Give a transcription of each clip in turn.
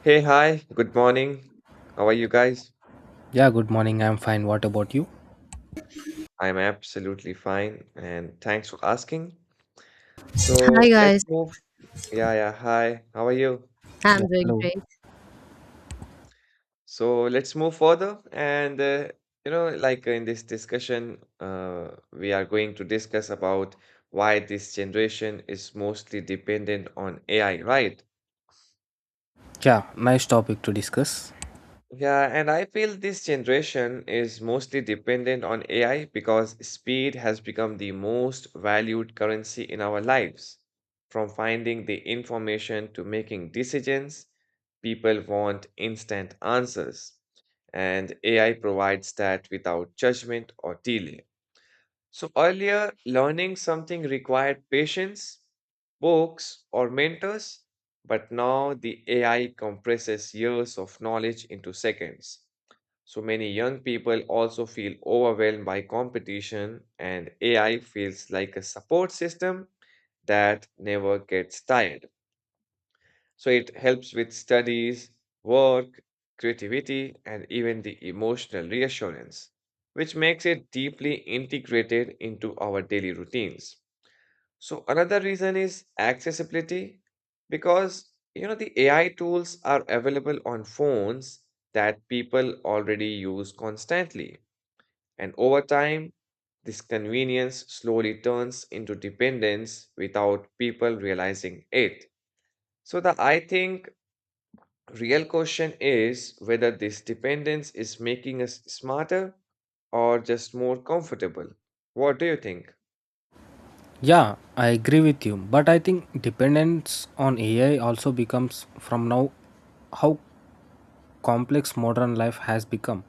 Hey, hi, good morning. How are you guys? Yeah, good morning. I'm fine. What about you? I'm absolutely fine and thanks for asking. Hi So let's guys, move. Yeah, yeah, hi, how are you? Yeah, I'm doing hello. great. So let's move further. And, you know, like In this discussion, we are going to discuss about why this generation is mostly dependent on AI, right? Yeah, nice topic to discuss. Yeah, and I feel this generation is mostly dependent on AI because speed has become the most valued currency in our lives. From finding the information to making decisions, people want instant answers, and AI provides that without judgment or delay. So earlier, learning something required patience, books, or mentors, but now the AI compresses years of knowledge into seconds. So many young people also feel overwhelmed by competition, and AI feels like a support system that never gets tired. So it helps with studies, work, creativity, and even the emotional reassurance, which makes it deeply integrated into our daily routines. So another reason is accessibility because you know the AI tools are available on phones that people already use constantly. And over time, this convenience slowly turns into dependence without people realizing it. So the I think real question is whether this dependence is making us smarter or just more comfortable. What do you think? Yeah, I agree with you, but I think dependence on AI also becomes from now how complex modern life has become.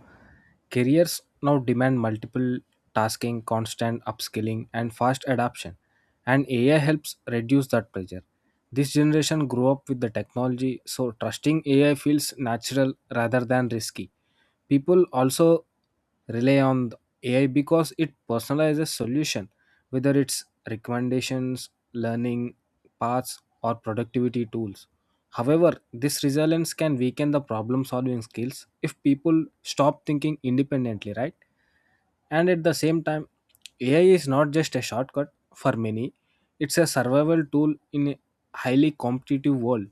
Careers now demand multiple tasking, constant upskilling, and fast adaptation, and AI helps reduce that pressure. This generation grew up with the technology, so trusting AI feels natural rather than risky. People also rely on the AI because it personalizes solution, whether it's recommendations, learning paths, or productivity tools. However, this resilience can weaken the problem solving skills if people stop thinking independently, right? And at the same time, AI is not just a shortcut for many, it's a survival tool in a highly competitive world.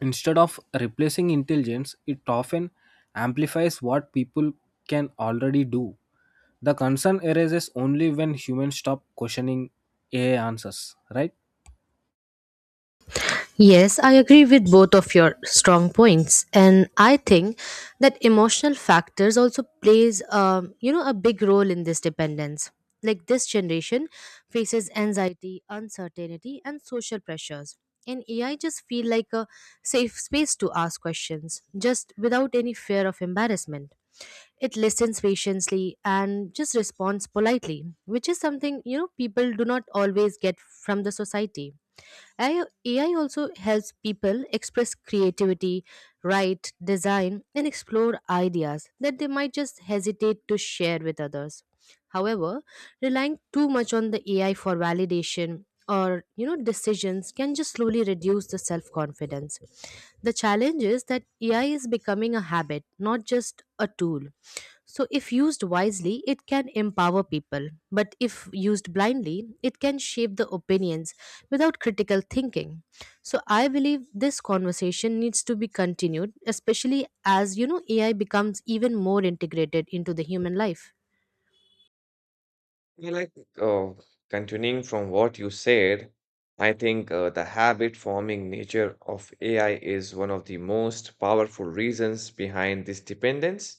Instead of replacing intelligence, it often amplifies what people can already do. The concern arises only when humans stop questioning AI answers, right? Yes, I agree with both of your strong points, and I think that emotional factors also plays, a big role in this dependence. Like this generation faces anxiety, uncertainty, and social pressures, and AI just feel like a safe space to ask questions, just without any fear of embarrassment. It listens patiently and just responds politely, which is something people do not always get from the society. AI, also helps people express creativity, write, design, and explore ideas that they might just hesitate to share with others. However, relying too much on the AI for validation or decisions can just slowly reduce the self-confidence. The challenge is that AI is becoming a habit, not just a tool. So, if used wisely, it can empower people, but if used blindly, it can shape the opinions without critical thinking. So, I believe this conversation needs to be continued, especially as AI becomes even more integrated into the human life. I like uh, continuing from what you said. I think the habit forming nature of AI is one of the most powerful reasons behind this dependence.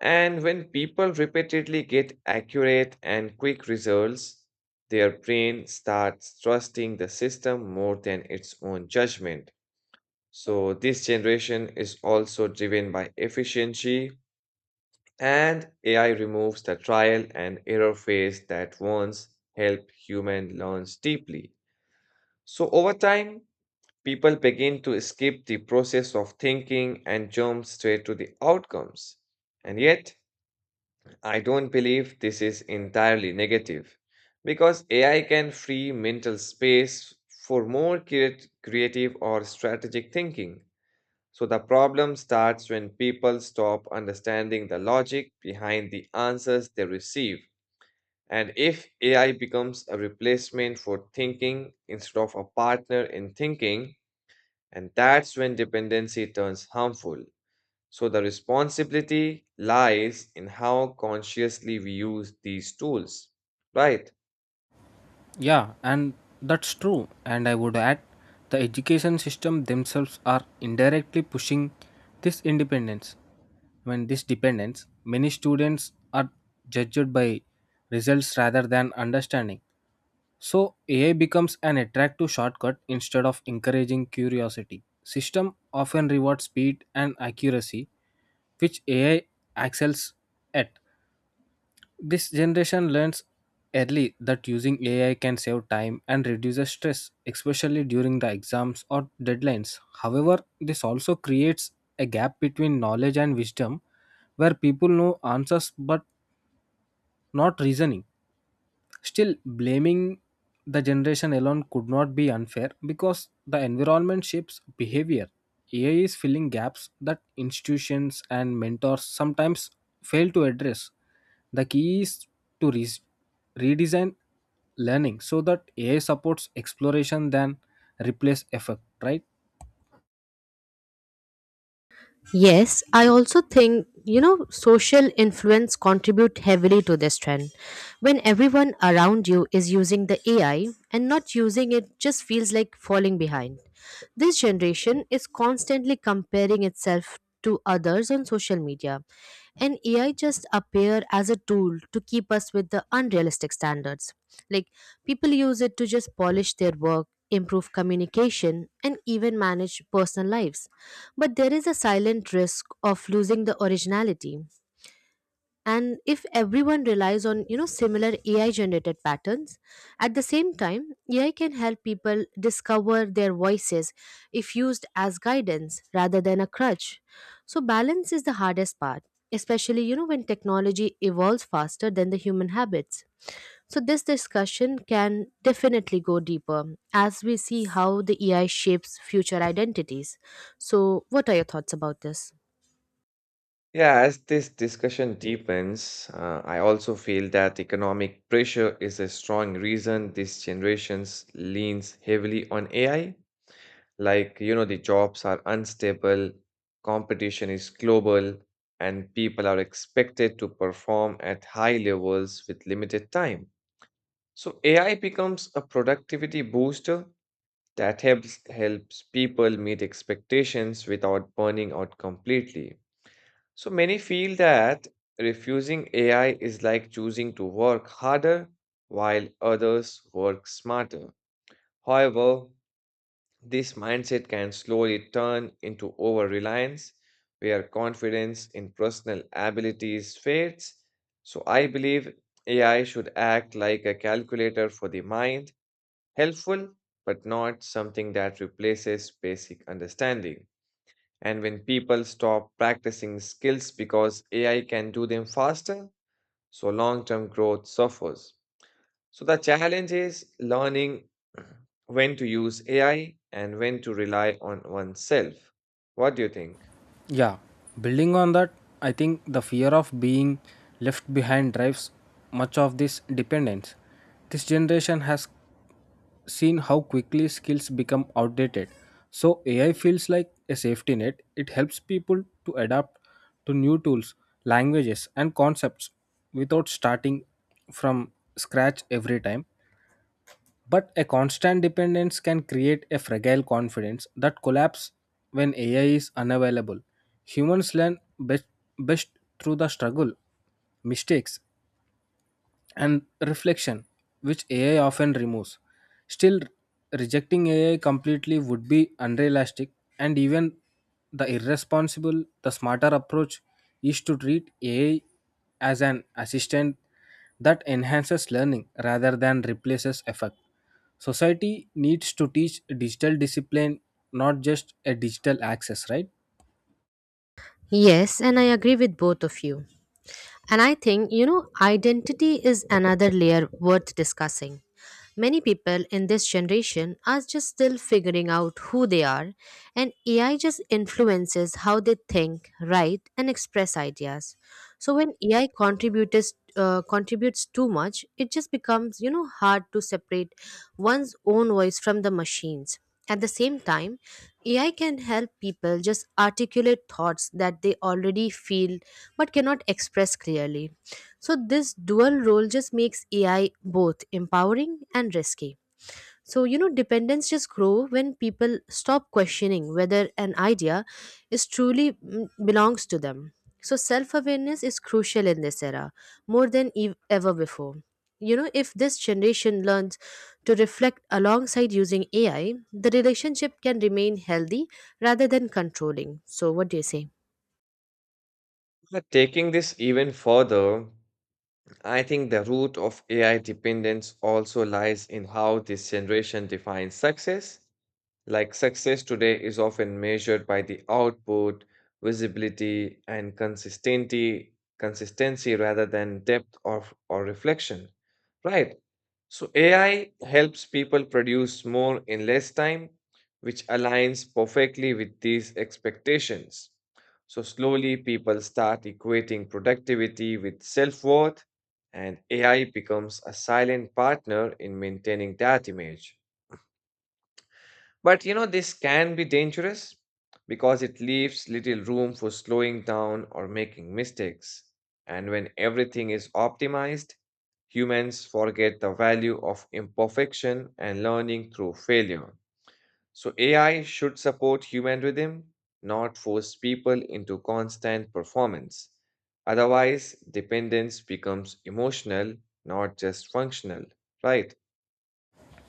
And when people repeatedly get accurate and quick results, their brain starts trusting the system more than its own judgment. So this generation is also driven by efficiency, and AI removes the trial and error phase that once helped human learns deeply. So over time, people begin to skip the process of thinking and jump straight to the outcomes. And yet, I don't believe this is entirely negative because AI can free mental space for more creative or strategic thinking. So the problem starts when people stop understanding the logic behind the answers they receive. And if AI becomes a replacement for thinking instead of a partner in thinking, and that's when dependency turns harmful. So the responsibility lies in how consciously we use these tools, right? Yeah, and that's true. And I would add the education system themselves are indirectly pushing this independence. When this dependence, many students are judged by results rather than understanding. So AI becomes an attractive shortcut instead of encouraging curiosity. System often rewards speed and accuracy, which AI excels at. This generation learns early that using AI can save time and reduces stress, especially during the exams or deadlines. However, this also creates a gap between knowledge and wisdom where people know answers but not reasoning. Still, blaming the generation alone could not be unfair because the environment shapes behavior. AI is filling gaps that institutions and mentors sometimes fail to address. The key is to redesign learning so that AI supports exploration than replace effect, right? Yes, I also think, social influence contribute heavily to this trend. When everyone around you is using the AI and not using it just feels like falling behind. This generation is constantly comparing itself to others on social media, and AI just appear as a tool to keep us with the unrealistic standards. Like people use it to just polish their work, improve communication, and even manage personal lives. But there is a silent risk of losing the originality, and if everyone relies on similar AI generated patterns at the same time, AI can help people discover their voices if used as guidance rather than a crutch. So balance is the hardest part, especially when technology evolves faster than the human habits. So this discussion can definitely go deeper as we see how the AI shapes future identities. So what are your thoughts about this? Yeah, as this discussion deepens, I also feel that economic pressure is a strong reason this generation leans heavily on AI. Like, you know, the jobs are unstable, competition is global, and people are expected to perform at high levels with limited time. So AI becomes a productivity booster that helps people meet expectations without burning out completely. So many feel that refusing AI is like choosing to work harder while others work smarter. However, this mindset can slowly turn into over reliance, where confidence in personal abilities fades. So, I believe AI should act like a calculator for the mind, helpful, but not something that replaces basic understanding. And when people stop practicing skills because AI can do them faster, so long term growth suffers. So the challenge is learning when to use AI and when to rely on oneself. What do you think? Yeah, building on that, I think the fear of being left behind drives much of this dependence. This generation has seen how quickly skills become outdated. So AI feels like a safety net. It helps people to adapt to new tools, languages, and concepts without starting from scratch every time. But a constant dependence can create a fragile confidence that collapses when AI is unavailable. Humans learn best through the struggle, mistakes, and reflection, which AI often removes. Still, rejecting AI completely would be unrealistic, and even the irresponsible, the smarter approach is to treat AI as an assistant that enhances learning rather than replaces effort. Society needs to teach digital discipline, not just a digital access, right? Yes, and I agree with both of you. And I think, identity is another layer worth discussing. Many people in this generation are just still figuring out who they are, and AI just influences how they think, write, and express ideas. So when AI contributes too much, it just becomes hard to separate one's own voice from the machines. At the same time, AI can help people just articulate thoughts that they already feel but cannot express clearly. So, this dual role just makes AI both empowering and risky. So, dependence just grow when people stop questioning whether an idea is truly belongs to them. So, self awareness is crucial in this era more than ever before. If this generation learns to reflect alongside using AI, the relationship can remain healthy rather than controlling. So, what do you say? But taking this even further, I think the root of AI dependence also lies in how this generation defines success. Like success today is often measured by the output, visibility, and consistency rather than depth of or reflection. Right. So AI helps people produce more in less time, which aligns perfectly with these expectations. So slowly people start equating productivity with self-worth, and AI becomes a silent partner in maintaining that image. But you know, this can be dangerous because it leaves little room for slowing down or making mistakes. And when everything is optimized, humans forget the value of imperfection and learning through failure. So, AI should support human rhythm, not force people into constant performance. Otherwise, dependence becomes emotional, not just functional, right?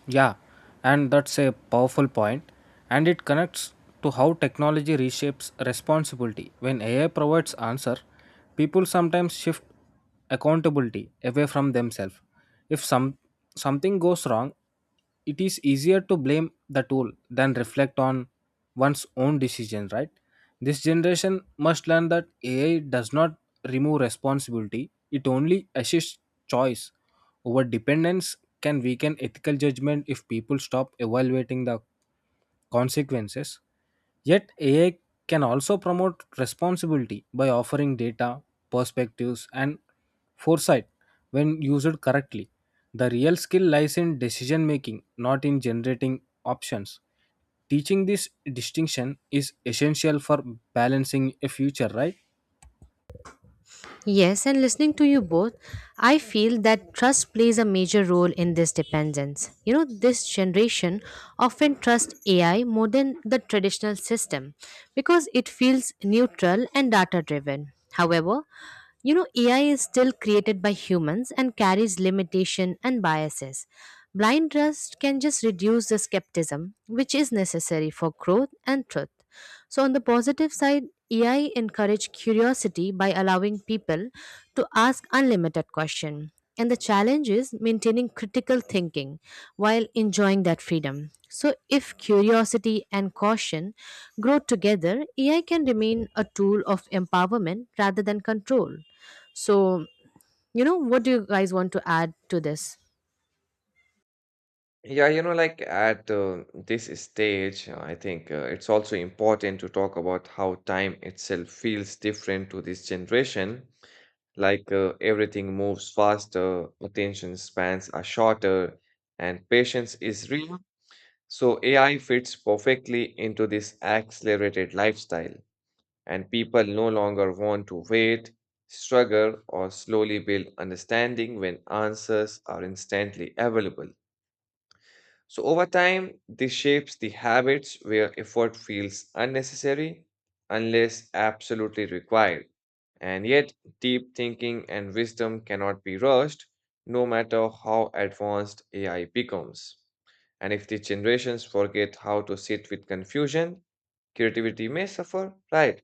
Yeah, and that's a powerful point, and it connects to how technology reshapes responsibility. When AI provides answer, people sometimes shift accountability away from themselves. If something goes wrong, it is easier to blame the tool than reflect on one's own decision, right? This generation must learn that AI does not remove responsibility, it only assists choice. Over dependence can weaken ethical judgment if people stop evaluating the consequences. Yet, AI can also promote responsibility by offering data, perspectives, and foresight when used correctly. The real skill lies in decision making, not in generating options. Teaching this distinction is essential for balancing a future, right? Yes, and listening to you both, I feel that trust plays a major role in this dependence. This generation often trusts AI more than the traditional system because it feels neutral and data driven. However, AI is still created by humans and carries limitation and biases. Blind trust can just reduce the skepticism, which is necessary for growth and truth. So, on the positive side, AI encourage curiosity by allowing people to ask unlimited questions. And the challenge is maintaining critical thinking while enjoying that freedom. So, if curiosity and caution grow together, AI can remain a tool of empowerment rather than control. So, what do you guys want to add to this? Yeah, you know, at this stage, I think it's also important to talk about how time itself feels different to this generation. Like everything moves faster, attention spans are shorter, and patience is real. So AI fits perfectly into this accelerated lifestyle, and people no longer want to wait, struggle, or slowly build understanding when answers are instantly available. So, over time, this shapes the habits where effort feels unnecessary unless absolutely required. And yet, deep thinking and wisdom cannot be rushed, no matter how advanced AI becomes. And if the generations forget how to sit with confusion, creativity may suffer, right?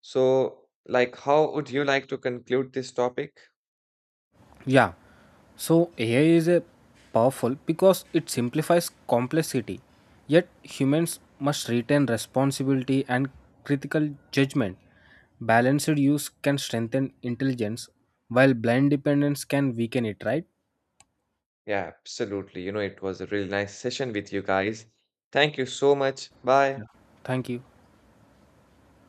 So, like, how would you like to conclude this topic? Yeah. So AI is a powerful because it simplifies complexity. Yet humans must retain responsibility and critical judgment. Balanced use can strengthen intelligence while blind dependence can weaken it, right? Yeah, absolutely. You know, it was a really nice session with you guys. Thank you so much. Yeah. Bye. Thank you.